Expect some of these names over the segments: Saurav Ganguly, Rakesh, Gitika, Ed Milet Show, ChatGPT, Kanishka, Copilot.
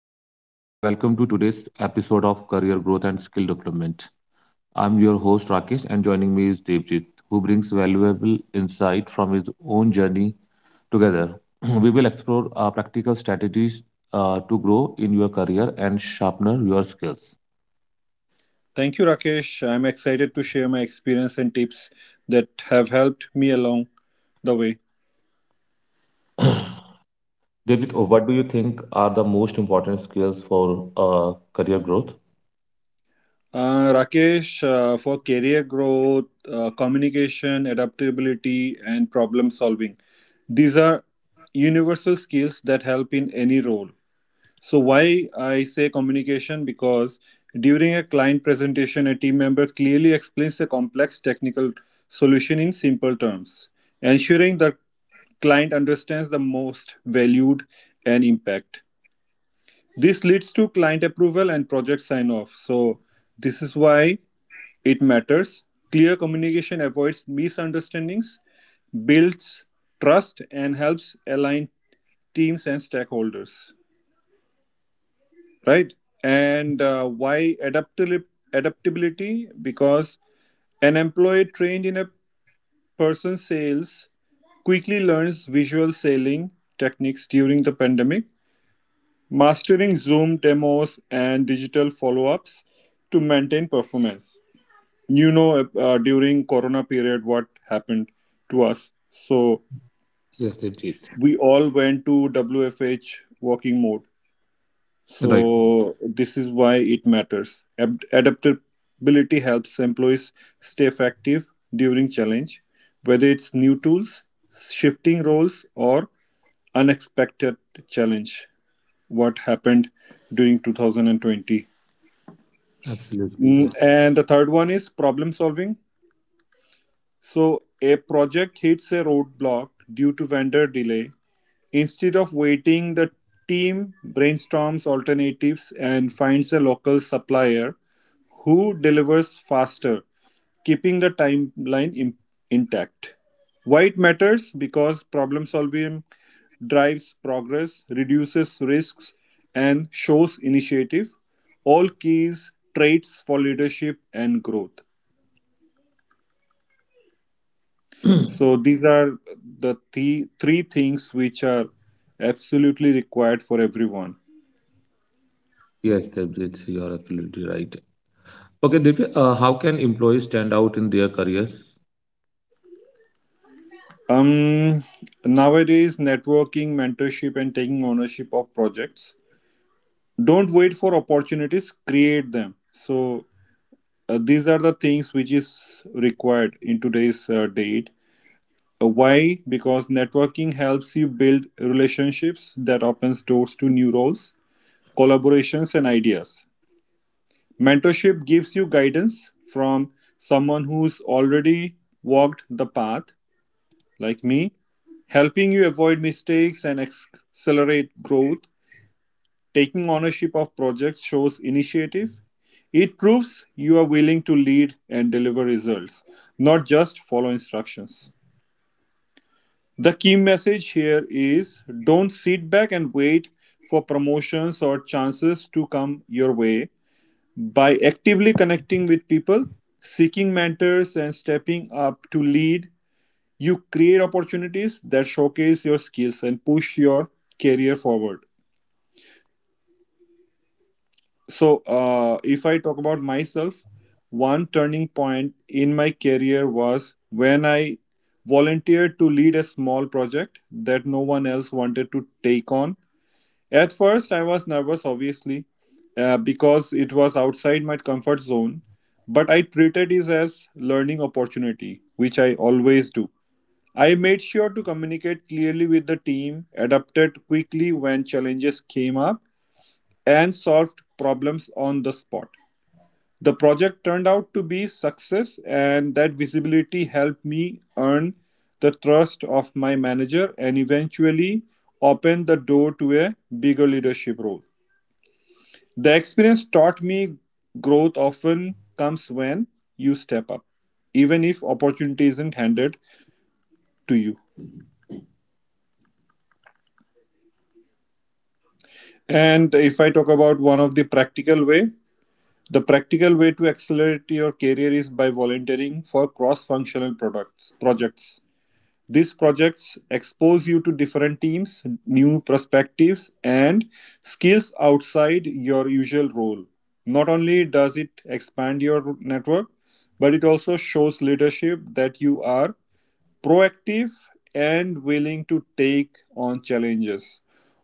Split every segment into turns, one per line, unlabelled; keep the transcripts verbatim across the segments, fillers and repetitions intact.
everyone. Uh, welcome to today's episode of Career Growth and Skill Development. I'm your host Rakesh, and joining me is Devjit, who brings valuable insight from his own journey together. We will explore uh, practical strategies uh, to grow in your career and sharpen your skills.
Thank you, Rakesh. I'm excited to share my experience and tips that have helped me along the way.
Devjit, what do you think are the most important skills for uh, career growth?
Uh, Rakesh, uh, for career growth, uh, communication, adaptability, and problem solving, these are universal skills that help in any role. So why I say communication? Because during a client presentation, a team member clearly explains a complex technical solution in simple terms, ensuring the client understands the most valued and impact. This leads to client approval and project sign off. So this is why it matters. Clear communication avoids misunderstandings, builds trust, and helps align teams and stakeholders, right? And uh, why adaptili- adaptability? Because an employee trained in a person's sales quickly learns visual selling techniques during the pandemic, mastering Zoom demos and digital follow-ups to maintain performance. You know, uh, uh, during Corona period, what happened to us? So
Yes, Devjit.
we all went to W F H working mode.
Right.
So this is why it matters. Ad- adaptability helps employees stay effective during challenge, whether it's new tools, shifting roles, or unexpected challenge. What happened during two thousand twenty?
Absolutely.
Mm,
Yes.
And the third one is problem solving. So a project hits a roadblock due to vendor delay. Instead of waiting, the team brainstorms alternatives and finds a local supplier who delivers faster, keeping the timeline im- intact. Why it matters? Because problem solving drives progress, reduces risks, and shows initiative, all keys, traits for leadership and growth. So these are the three, three things which are absolutely required for everyone.
Yes, Devjit, you are absolutely right. Okay, Divya, uh, how can employees stand out in their careers?
Um, Nowadays, networking, mentorship, and taking ownership of projects. Don't wait for opportunities; create them. So uh, these are the things which is required in today's uh, date. Uh, why? Because networking helps you build relationships that opens doors to new roles, collaborations, and ideas. Mentorship gives you guidance from someone who's already walked the path like me, helping you avoid mistakes and accelerate growth. Taking ownership of projects shows initiative. It proves you are willing to lead and deliver results, not just follow instructions. The key message here is don't sit back and wait for promotions or chances to come your way. By actively connecting with people, seeking mentors, and stepping up to lead, you create opportunities that showcase your skills and push your career forward. So uh, if I talk about myself, one turning point in my career was when I volunteered to lead a small project that no one else wanted to take on. At first, I was nervous, obviously, uh, because it was outside my comfort zone, but I treated it as learning opportunity, which I always do. I made sure to communicate clearly with the team, adapted quickly when challenges came up, and solved problems on the spot. The project turned out to be a success, and that visibility helped me earn the trust of my manager, and eventually opened the door to a bigger leadership role. The experience taught me growth often comes when you step up, even if opportunity isn't handed to you. And if I talk about one of the practical way, the practical way to accelerate your career is by volunteering for cross-functional products projects. These projects expose you to different teams, new perspectives, and skills outside your usual role. Not only does it expand your network, but it also shows leadership that you are proactive and willing to take on challenges.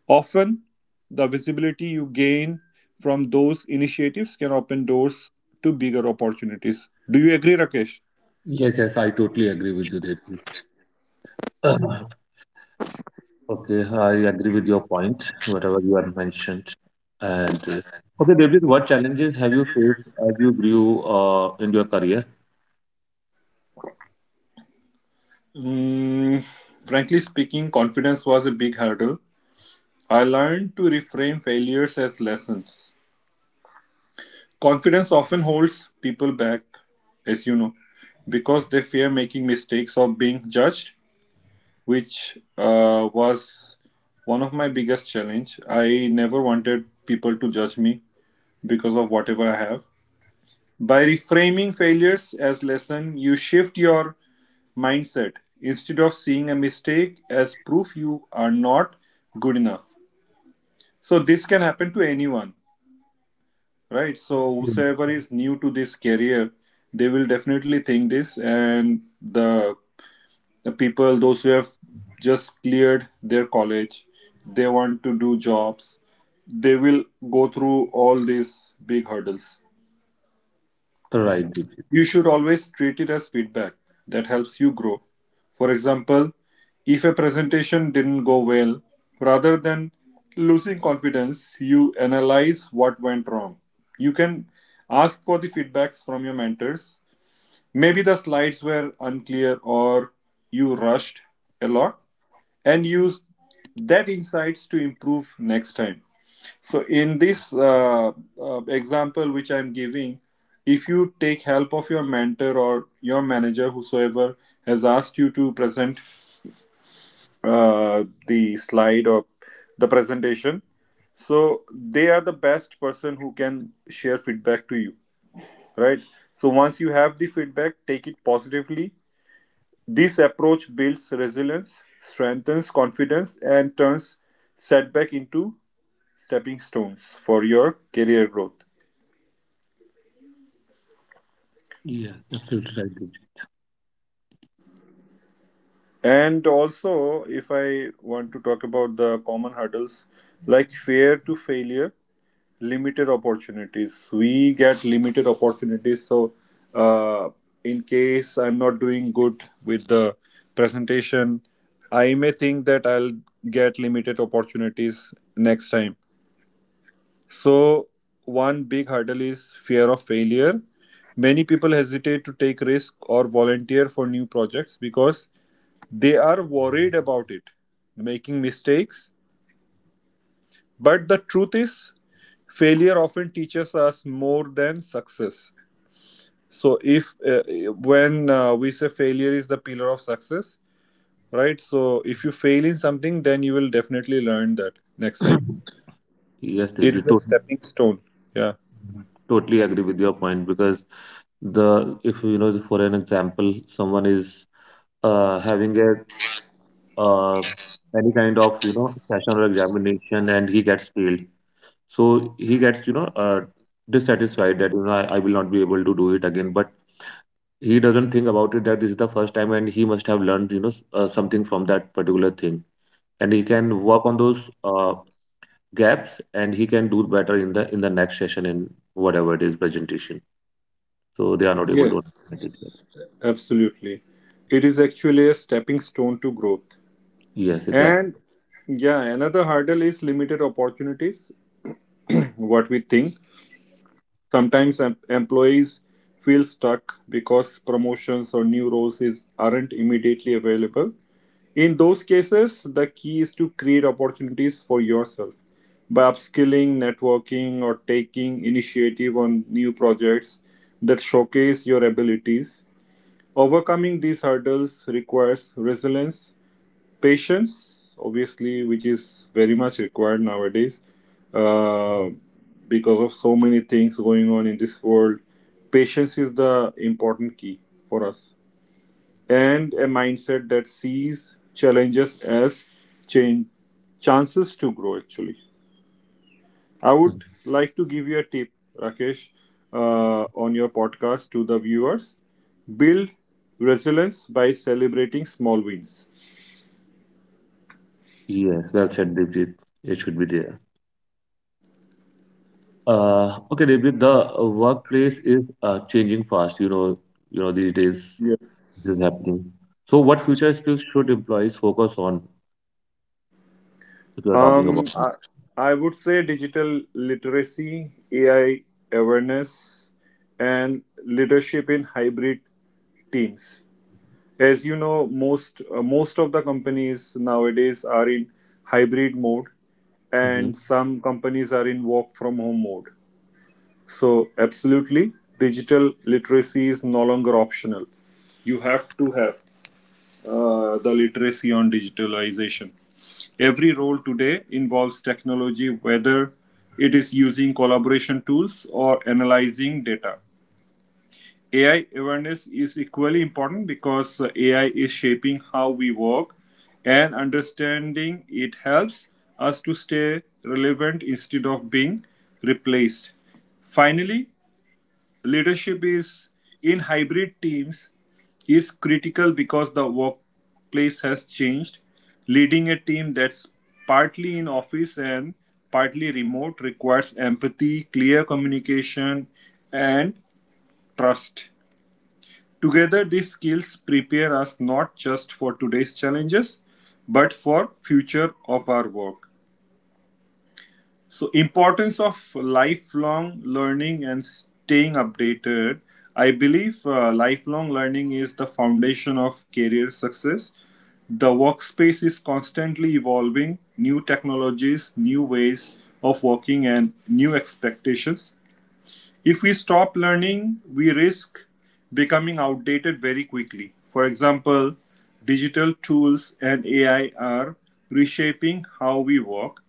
Often, the visibility you gain from those initiatives can open doors to bigger opportunities. Do you agree, Rakesh?
Yes, yes, I totally agree with you, Devpreet. Uh, okay, I agree with your point, whatever you have mentioned. And uh, okay, Devpreet, what challenges have you faced as you grew uh, in your career?
Mm, Frankly speaking, confidence was a big hurdle. I learned to reframe failures as lessons. Confidence often holds people back, as you know, because they fear making mistakes or being judged, which uh, was one of my biggest challenge. I never wanted people to judge me because of whatever I have. By reframing failures as lesson, you shift your mindset. Instead of seeing a mistake as proof you are not good enough. So this can happen to anyone, right? So
Mm.
whosoever is new to this career, they will definitely think this, and the the people those who have just cleared their college, they want to do jobs, they will go through all these big hurdles.
Right,
You
Devpreet.
should always treat it as feedback that helps you grow. For example, if a presentation didn't go well, rather than losing confidence, you analyze what went wrong. You can ask for the feedbacks from your mentors. Maybe the slides were unclear, or you rushed a lot, and use that insights to improve next time. So in this uh, uh, example which I'm giving, if you take help of your mentor or your manager whosoever has asked you to present uh, the slide or the presentation, so they are the best person who can share feedback to you, right? So once you have the feedback, take it positively. This approach builds resilience, strengthens confidence, and turns setback into stepping stones for your career growth.
Yeah, absolutely right,
And also, if I want to talk about the common hurdles like fear to failure, limited opportunities. We get limited opportunities. So, uh, in case I'm not doing good with the presentation, I may think that I'll get limited opportunities next time. So one big hurdle is fear of failure. Many people hesitate to take risk or volunteer for new projects because they are worried about it, making mistakes. But the truth is, failure often teaches us more than success. So if uh, when uh, we say failure is the pillar of success, right? So if you fail in something, then you will definitely learn that next
Divya.
time.
Yes,
It
Devpreet,
is a
totally,
stepping stone. Yeah.
totally agree with your point because the if you know for an example, someone is uh, having a uh, any kind of you know session or examination and he gets failed, so he gets you know uh, dissatisfied that you know I, I will not be able to do it again, but he doesn't think about it that this is the first time and he must have learned you know s- uh, something from that particular thing, and he can work on those uh, gaps, and he can do better in the in the next session, in whatever it is, presentation. So they are not able to
Yes.
understand it yet.
Absolutely. It is actually a stepping stone to growth.
Yes, exactly.
And yeah, another hurdle is limited opportunities. What we think. Sometimes em- employees feel stuck because promotions or new roles is, aren't immediately available. In those cases, the key is to create opportunities for yourself by upskilling, networking, or taking initiative on new projects that showcase your abilities. Overcoming these hurdles requires resilience. Patience, obviously, which is very much required nowadays, uh, because of so many things going on in this world. Patience is the important key for us, and a mindset that sees challenges as change chances to grow. Actually, I
Mhm.
would like to give you a tip, Rakesh, uh, on your podcast to the viewers. Build resilience by celebrating small wins.
Yes, well said, Devjit. It should be there. Uh, okay, Devjit, the uh, workplace is uh, changing fast. You know, you know these days,
Yes.
this is happening. So, what future skills should employees focus on if you are talking about
Um,
it?
I, I would say digital literacy, A I awareness, and leadership in hybrid teams. As you know, most uh, most of the companies nowadays are in hybrid mode,
Hmm.
and some companies are in work from home mode. So, absolutely, digital literacy is no longer optional. You have to have uh, the literacy on digitalization. Every role today involves technology, whether it is using collaboration tools or analyzing data. A I awareness is equally important because uh, A I is shaping how we work, and understanding it helps us to stay relevant instead of being replaced. Finally, Leadership is in hybrid teams is critical because the workplace has changed. Leading a team that's partly in office and partly remote requires empathy, clear communication, and trust. Together, these skills prepare us not just for today's challenges, but for future of our work. So importance of lifelong learning and staying updated. I believe uh, lifelong learning is the foundation of career success. The workspace is constantly evolving, new technologies, new ways of working, and new expectations. If we stop learning, we risk becoming outdated very quickly. For example, digital tools and A I are reshaping how we work,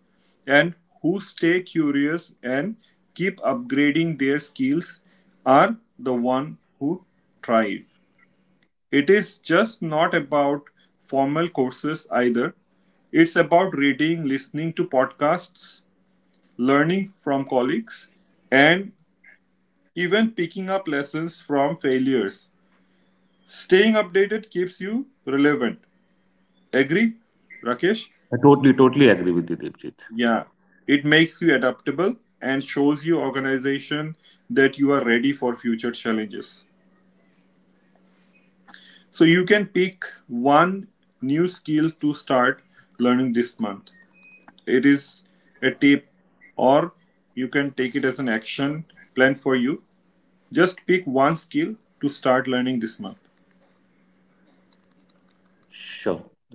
and who stay curious and keep upgrading their skills are the one who thrive. It is just not about formal courses either. It's about reading, listening to podcasts, learning from colleagues, and even picking up lessons from failures. Staying updated keeps you relevant. Agree, Rakesh?
I totally, totally agree with you, Devjit.
Yeah. It makes you adaptable and shows you organization that you are ready for future challenges. So you can pick one new skill to start learning this month. It is a tip, or you can take it as an action plan for you. Just pick one skill to start learning this month.
Sure.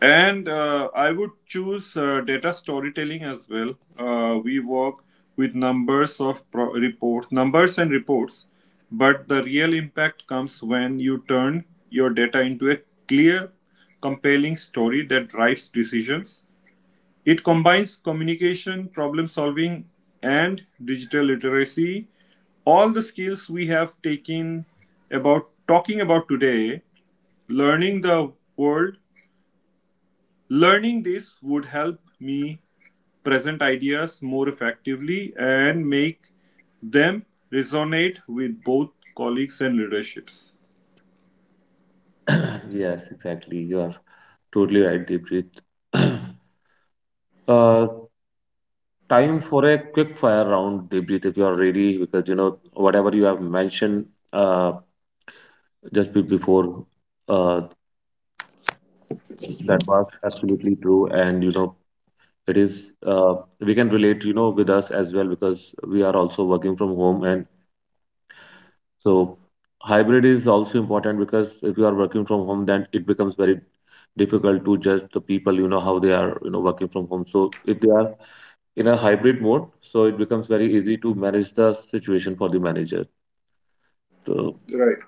And uh, I would choose uh, data storytelling as well. Uh, we work with numbers of pro- reports, numbers and reports, but the real impact comes when you turn your data into a clear, compelling story that drives decisions. It combines communication, problem solving, and digital literacy. All the skills we have taken about talking about today, learning the world. Learning this would help me present ideas more effectively and make them resonate with both colleagues and leaderships.
Yes, exactly. You are totally right, Devjit. Uh, Time for a quick fire round, Devjit, if you are ready, because you know whatever you have mentioned, uh, just be- before uh, that was absolutely true, and you know it is uh, we can relate, you know with us as well, because we are also working from home, and so hybrid is also important, because if you are working from home, then it becomes very difficult to judge the people, you know how they are, you know working from home, so if they are in a hybrid mode, so it becomes very easy to manage the situation for the manager. So,
Right.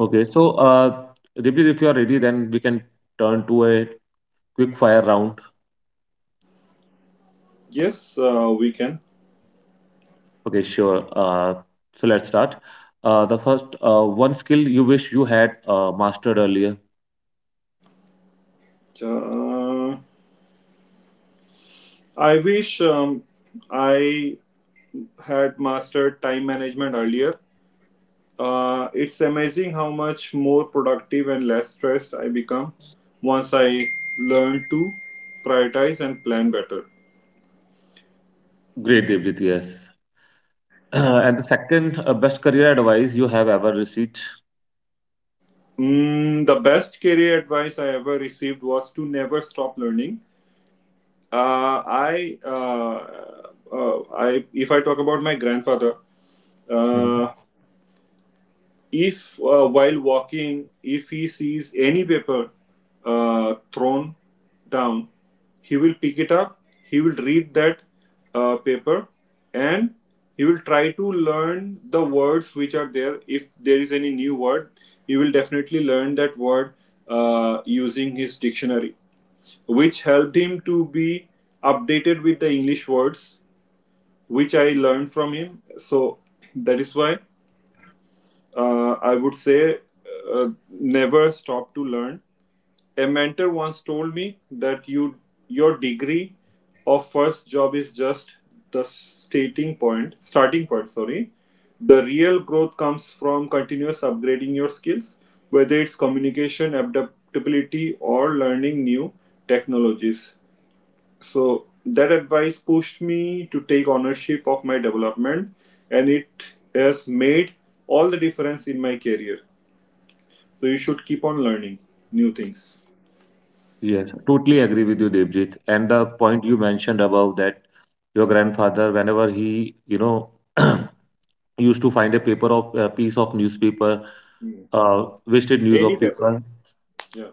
okay, so uh Dipti, if you are ready, then we can turn to a quick fire round.
Yes, uh, we can.
Okay, sure. Uh, so let's start. Uh, the first uh, one skill you wish you had uh, mastered earlier.
Uh, I wish um, I had mastered time management earlier. Uh, it's amazing how much more productive and less stressed I become once I learn to prioritize and plan better.
Great, Devjit, yes. And the second uh, best career advice you have ever received.
Mm, the best career advice I ever received was to never stop learning. Uh, I, uh, uh, I, if I talk about my grandfather,
Mhm.
uh, if uh, while walking, if he sees any paper uh, thrown down, he will pick it up, he will read that uh, paper, and he will try to learn the words which are there. If there is any new word, he will definitely learn that word uh, using his dictionary, which helped him to be updated with the English words which I learned from him. So that is why uh, I would say uh, never stop to learn. A mentor once told me that you your degree or first job is just the starting point. Starting point, sorry. The real growth comes from continuous upgrading your skills, whether it's communication, adaptability, or learning new technologies. So that advice pushed me to take ownership of my development, and it has made all the difference in my career. So you should keep on learning new things.
Yes, totally agree with you, Devjit. And the point you mentioned about that your grandfather, whenever he, you know, used to find a paper, of a piece of newspaper,
Mm.
uh, wasted news
Any
of
paper.
paper.
Yeah.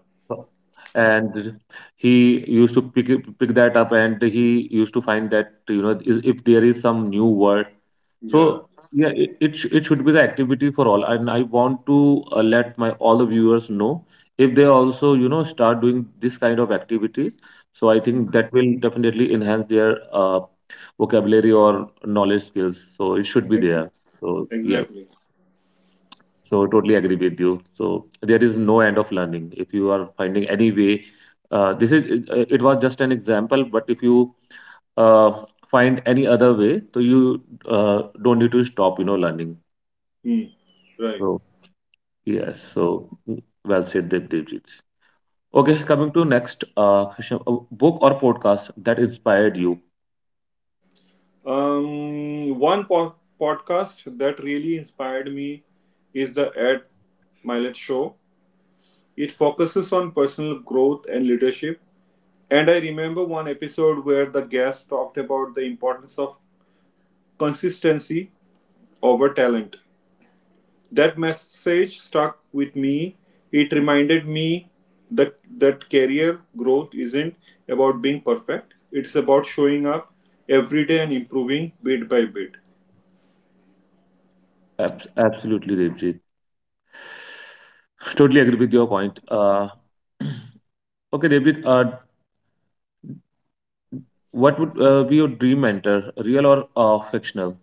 And he used to pick it- pick that up, and he used to find that you know i- if there is some new word, so
Yeah.
yeah, it it, sh- it should be the activity for all, and I want to uh, let my all the viewers know, if they also you know start doing this kind of activities, so I
Mm.
think that will definitely enhance their uh, vocabulary or knowledge skills, so it should be there.
Exactly.
So, yeah,
Exactly.
so totally agree with you. So there is no end of learning. If you are finding any way, uh, this is it, uh, it was just an example. But if you uh, find any other way, so you uh, don't need to stop, you know, learning.
Mm. Right.
So, yes, so, mm, well said, Devjit. Okay, coming to next uh, question, uh, book or podcast that inspired you.
Um, one po- Podcast that really inspired me is the Ed Milet Show. It focuses on personal growth and leadership. And I remember one episode where the guest talked about the importance of consistency over talent. That message stuck with me. It reminded me that, that career growth isn't about being perfect, it's about showing up every day and improving bit by bit.
Abs absolutely, Devjit. Totally agree with your point. Uh, okay, Devjit, uh, what would uh, be your dream mentor, real or uh, fictional?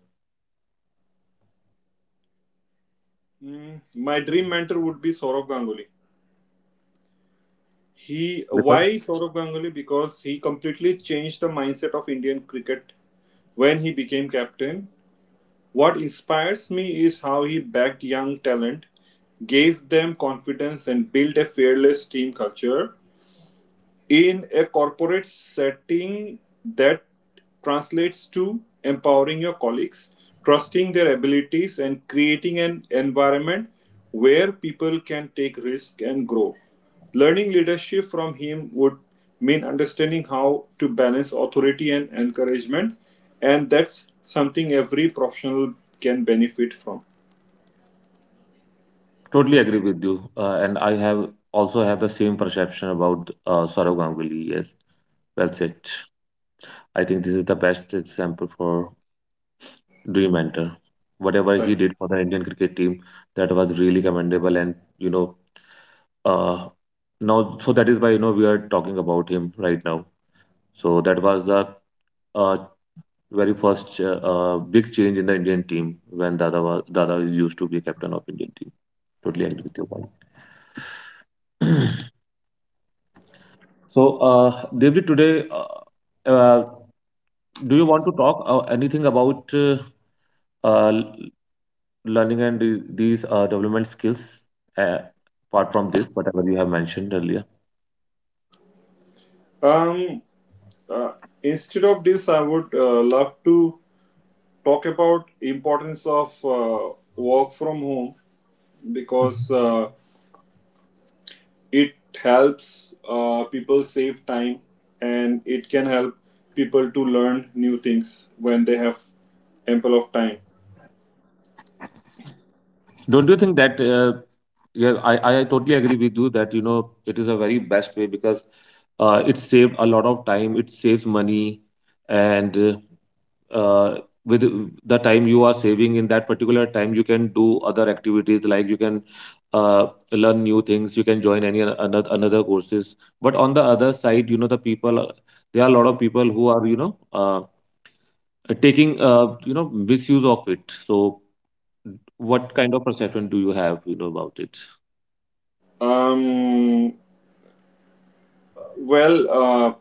Mm, my dream mentor would be Saurav Ganguly. He
Because
Why Saurav Ganguly? Because he completely changed the mindset of Indian cricket when he became captain. What inspires me is how he backed young talent, gave them confidence, and built a fearless team culture. In a corporate setting, that translates to empowering your colleagues, trusting their abilities, and creating an environment where people can take risk and grow. Learning leadership from him would mean understanding how to balance authority and encouragement, and that's something every professional can benefit from.
totally agree with you, uh, and I have also have the same perception about uh, Saurav Ganguly. Yes, well said. I think this is the best example for dream mentor. Whatever he
Right.
did for the Indian cricket team, that was really commendable, and you know, uh, now, so that is why you know we are talking about him right now. So that was the uh, very first uh, uh, big change in the Indian team, when Dada was, Dada used to be captain of Indian team. Totally agree with your point. So, uh, Devji, today, uh, uh, do you want to talk uh, anything about uh, uh, l- learning and the- these uh, development skills, uh, apart from this, whatever you have mentioned earlier?
Um. uh, Instead of this, I would uh, love to talk about importance of uh, work from home because uh, it helps uh, people save time, and it can help people to learn new things when they have ample of time.
Don't you think that? Uh, yeah, I, I totally agree with you that you know it is a very best way, because uh, it saved a lot of time, it saves money, and uh, uh, with the time you are saving, in that particular time you can do other activities, like you can uh, learn new things, you can join any another another courses, but on the other side, you know the people, uh, there are a lot of people who are you know uh, taking, uh, you know misuse of it. So what kind of perception do you have, you know about it?
um, well uh,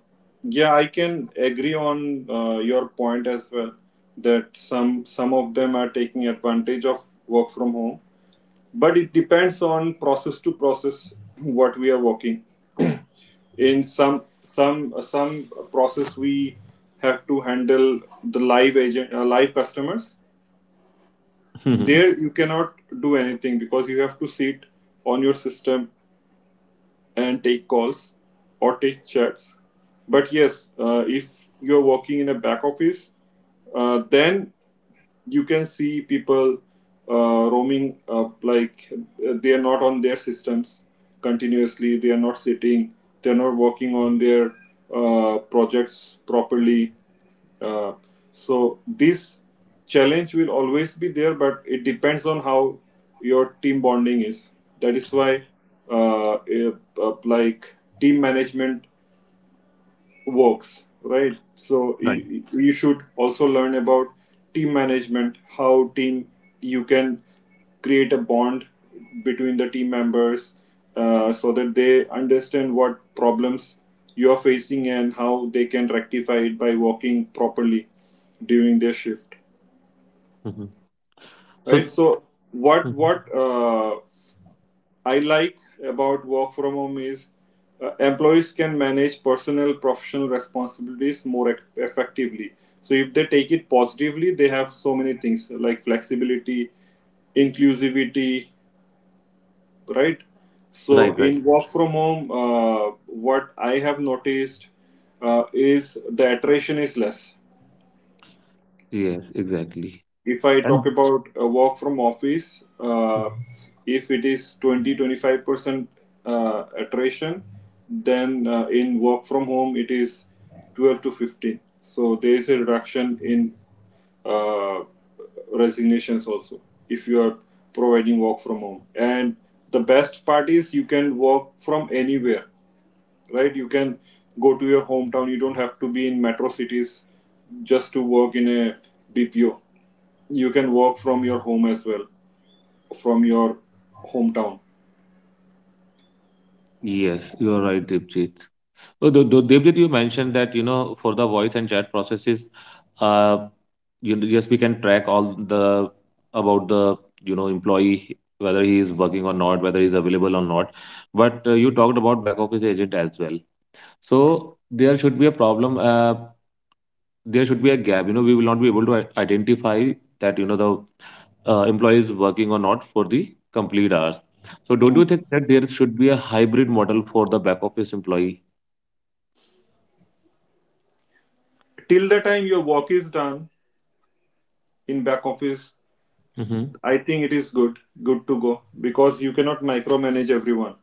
yeah, I can agree on uh, your point as well, that some some of them are taking advantage of work from home, but it depends on process to process what we are working in. Some some some process, we have to handle the live agent, uh, live customers. There you cannot do anything because you have to sit on your system and take calls or take chats. But yes, uh, if you're working in a back office, uh, then you can see people uh, roaming up, like uh, they are not on their systems continuously, they are not sitting, they are not working on their uh, projects properly. Uh, so this challenge will always be there, but it depends on how your team bonding is. That is why, uh, uh, like team management works, right? So
Right.
you should also learn about team management, how team you can create a bond between the team members, uh, so that they understand what problems you are facing and how they can rectify it by working properly during their shift,
Mhm.
right?
So.
so what
Mhm.
what uh, I like about work from home is uh, employees can manage personal professional responsibilities more effectively. So if they take it positively, they have so many things, like flexibility, inclusivity, right? So
Right, right.
in work from home, uh, what I have noticed uh, is the attrition is less.
Yes, exactly.
If I
And
talk about a work from office, uh, if it is twenty twenty-five percent uh, attrition, then uh, in work from home it is twelve to fifteen. So there is a reduction in uh, resignations also, if you are providing work from home. And the best part is you can work from anywhere, right? You can go to your hometown, you don't have to be in metro cities just to work in a bpo. You can work from your home as well, from your hometown.
yes, you are right, Dipjit. Oh, Dev- Dev- Devjit, you mentioned that, you know, for the voice and chat processes, uh, you know, yes, we can track all the about the, you know, employee, whether he is working or not, whether he's available or not. But uh, you talked about back office agent as well. So there should be a problem. Uh, there should be a gap. You know, we will not be able to i- identify that, you know, the uh, employee is working or not for the complete hours. So don't you
Mm.
think that there should be a hybrid model for the back office employee?
Till the time your work is done in back office, I think it is good good to go, because you cannot micromanage everyone.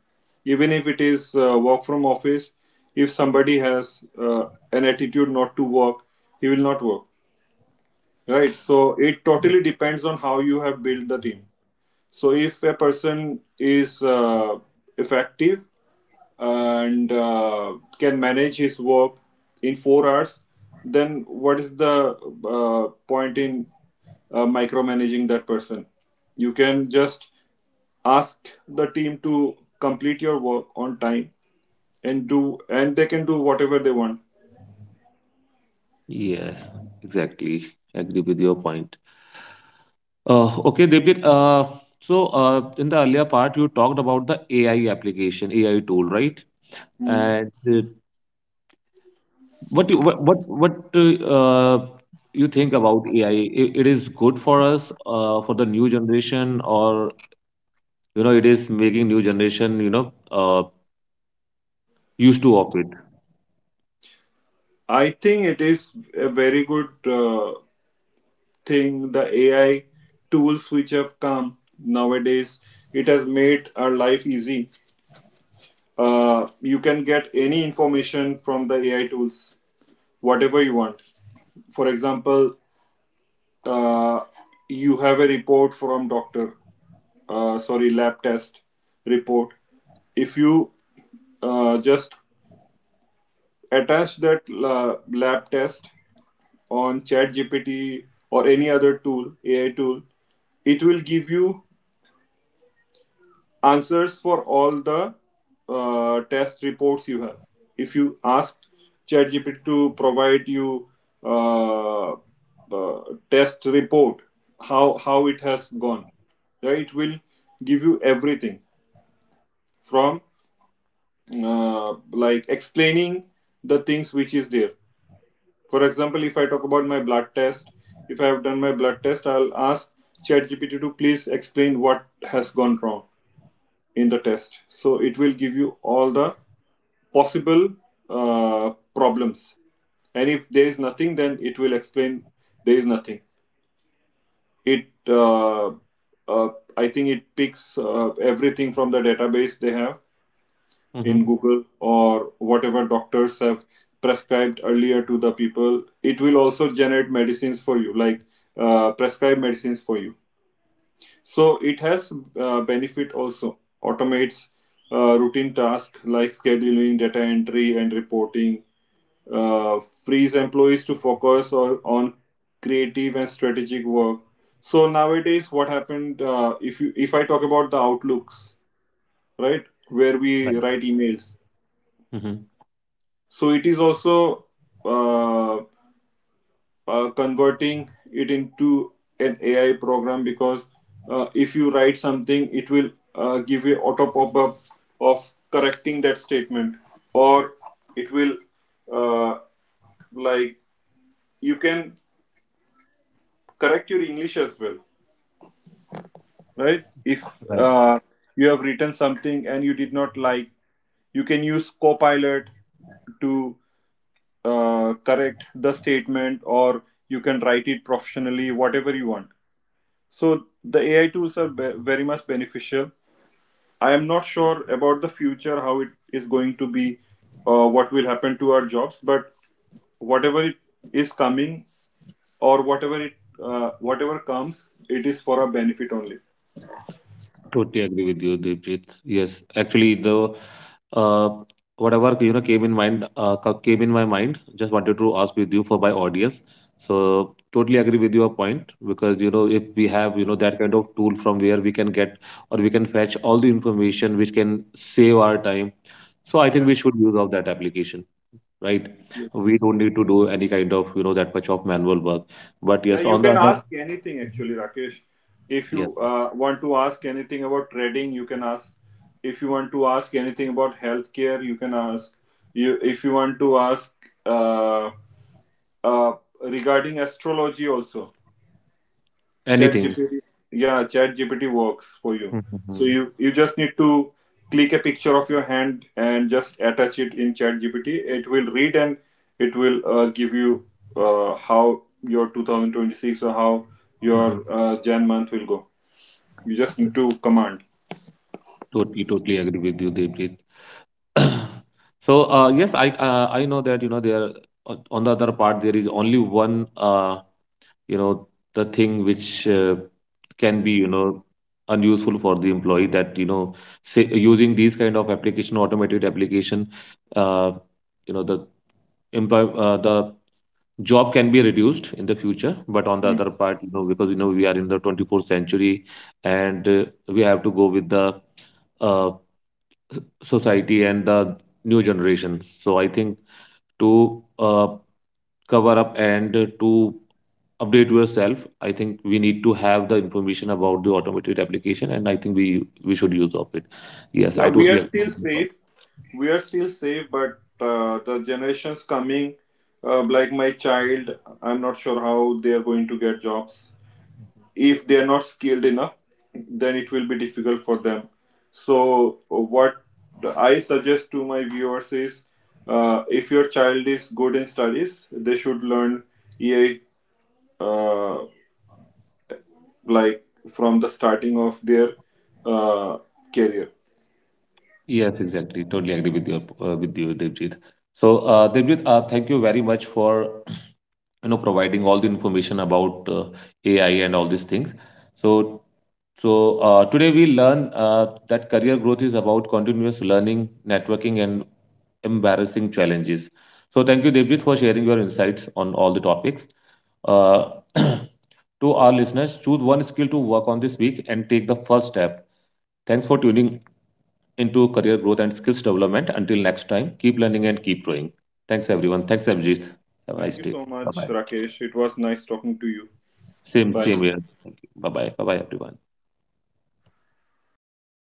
Even if it is uh, work from office, if somebody has uh, an attitude not to work, he will not work, right? So it totally depends on how you have built the team. So if a person is uh, effective and uh, can manage his work in four hours, then what is the uh, point in uh, micromanaging that person? You can just ask the team to complete your work on time and do, and they can do whatever they want.
Yes, exactly. Agree with your point. Uh, okay, Devjit. Uh, so uh, in the earlier part, you talked about the A I application, A I tool, right?
Mm.
And uh, what you, what what what uh, you think about A I? It is good for us, uh, for the new generation, or you know, it is making new generation, you know, uh, used to of it.
I think it is a very good uh, thing. The A I tools which have come nowadays, it has made our life easy. Uh, you can get any information from the A I tools, whatever you want. For example, uh, you have a report from doctor, uh, sorry, lab test report. If you uh, just attach that la- lab test on ChatGPT or any other tool, A I tool, it will give you answers for all the uh, test reports you have. If you ask ChatGPT to provide you uh, uh, test report, how how it has gone, right? It will give you everything from uh, like explaining the things which is there. For example, if I talk about my blood test, if I have done my blood test, I'll ask ChatGPT to please explain what has gone wrong in the test. So it will give you all the possible uh, problems. And if there is nothing, then it will explain there is nothing. It, uh, uh, I think it picks uh, everything from the database they have
Mm-hmm.
in Google, or whatever doctors have prescribed earlier to the people. It will also generate medicines for you, like uh, prescribe medicines for you. So it has uh, benefit also. Automates uh, routine tasks like scheduling, data entry, and reporting. Uh, frees employees to focus or on creative and strategic work. So nowadays, what happened? Uh, if you, if I talk about the outlooks, right, where we
Right.
write emails.
Mm-hmm.
So it is also. Uh, uh, Converting it into an A I program, because uh, if you write something, it will uh, give you auto pop up of correcting that statement, or it will uh, like you can correct your English as well, right? If uh, you have written something and you did not like, you can use Copilot to uh, correct the statement, or you can write it professionally, whatever you want. So the A I tools are be- very much beneficial. I am not sure about the future how it is going to be, uh, what will happen to our jobs, but whatever it is coming, or whatever it uh, whatever comes, it is for our benefit only.
Totally agree with you, Devjit. Yes, actually, the uh, whatever you know came in mind, uh, co- came in my mind. Just wanted to ask with you for my audience. So totally agree with your point, because you know if we have, you know that kind of tool from where we can get, or we can fetch all the information, which can save our time. So I think
Yeah.
we should use of that application, right? We
Yes.
don't need to do any kind of, you know, that much of manual work. But
Yeah,
yes,
you
on the
can
other,
ask anything
Mhm.
actually, Rakesh. If
Yes,
you uh, want to ask anything about trading, you can ask. If you want to ask anything about healthcare, you can ask. You if you want to ask. Uh, uh, Regarding astrology also, chat
anything.
gpt, yeah, chat gpt works for you. So you you just need to click a picture of your hand and just attach it in chat gpt. It will read and it will uh, give you uh, how your two thousand twenty-six or how your uh, jan month will go. You just need to command.
Totally, totally agree with you, Devjit. So, uh, yes, I uh, I know that you know there, uh, on the other part, there is only one uh, you know the thing which uh, can be you know unuseful for the employee, that you know say, using these kind of application, automated application, uh, you know the employ uh, the job can be reduced in the future. But on the other part, you know because you know we are in the twenty-fourth century, and uh, we have to go with the uh, society and the new generation. So I think to uh, cover up and to update yourself, I think we need to have the information about the automated application, and I think we we should use of it. Yes,
Yeah,
I
we
totally
are
agree
still
with your point.
safe. We are still safe, but uh, the generations coming, uh, like my child, I'm not sure how they are going to get jobs. If they are not skilled enough, then it will be difficult for them. So, uh, what I suggest to my viewers is uh, if your child is good in studies, they should learn E A, uh, like from the starting of their uh, career.
Yes, exactly. Totally agree with your uh, with you, Devjit. So, uh, Devjit, uh, thank you very much for you know providing all the information about uh, A I and all these things. So so uh, today we learn uh, that career growth is about continuous learning, networking, and embarrassing challenges. So thank you, Devjit, for sharing your insights on all the topics. Uh, to our listeners, choose one skill to work on this week and take the first step. Thanks for tuning into Career Growth and Skills Development. Until next time, keep learning and keep growing. Thanks, everyone. Thanks, Abhijit. Have a
Thank
nice
you
day.
so
Bye
much,
bye.
Rakesh. It was nice talking to you.
Same,
Bye.
same here. Thank you. Bye-bye. Bye-bye, everyone.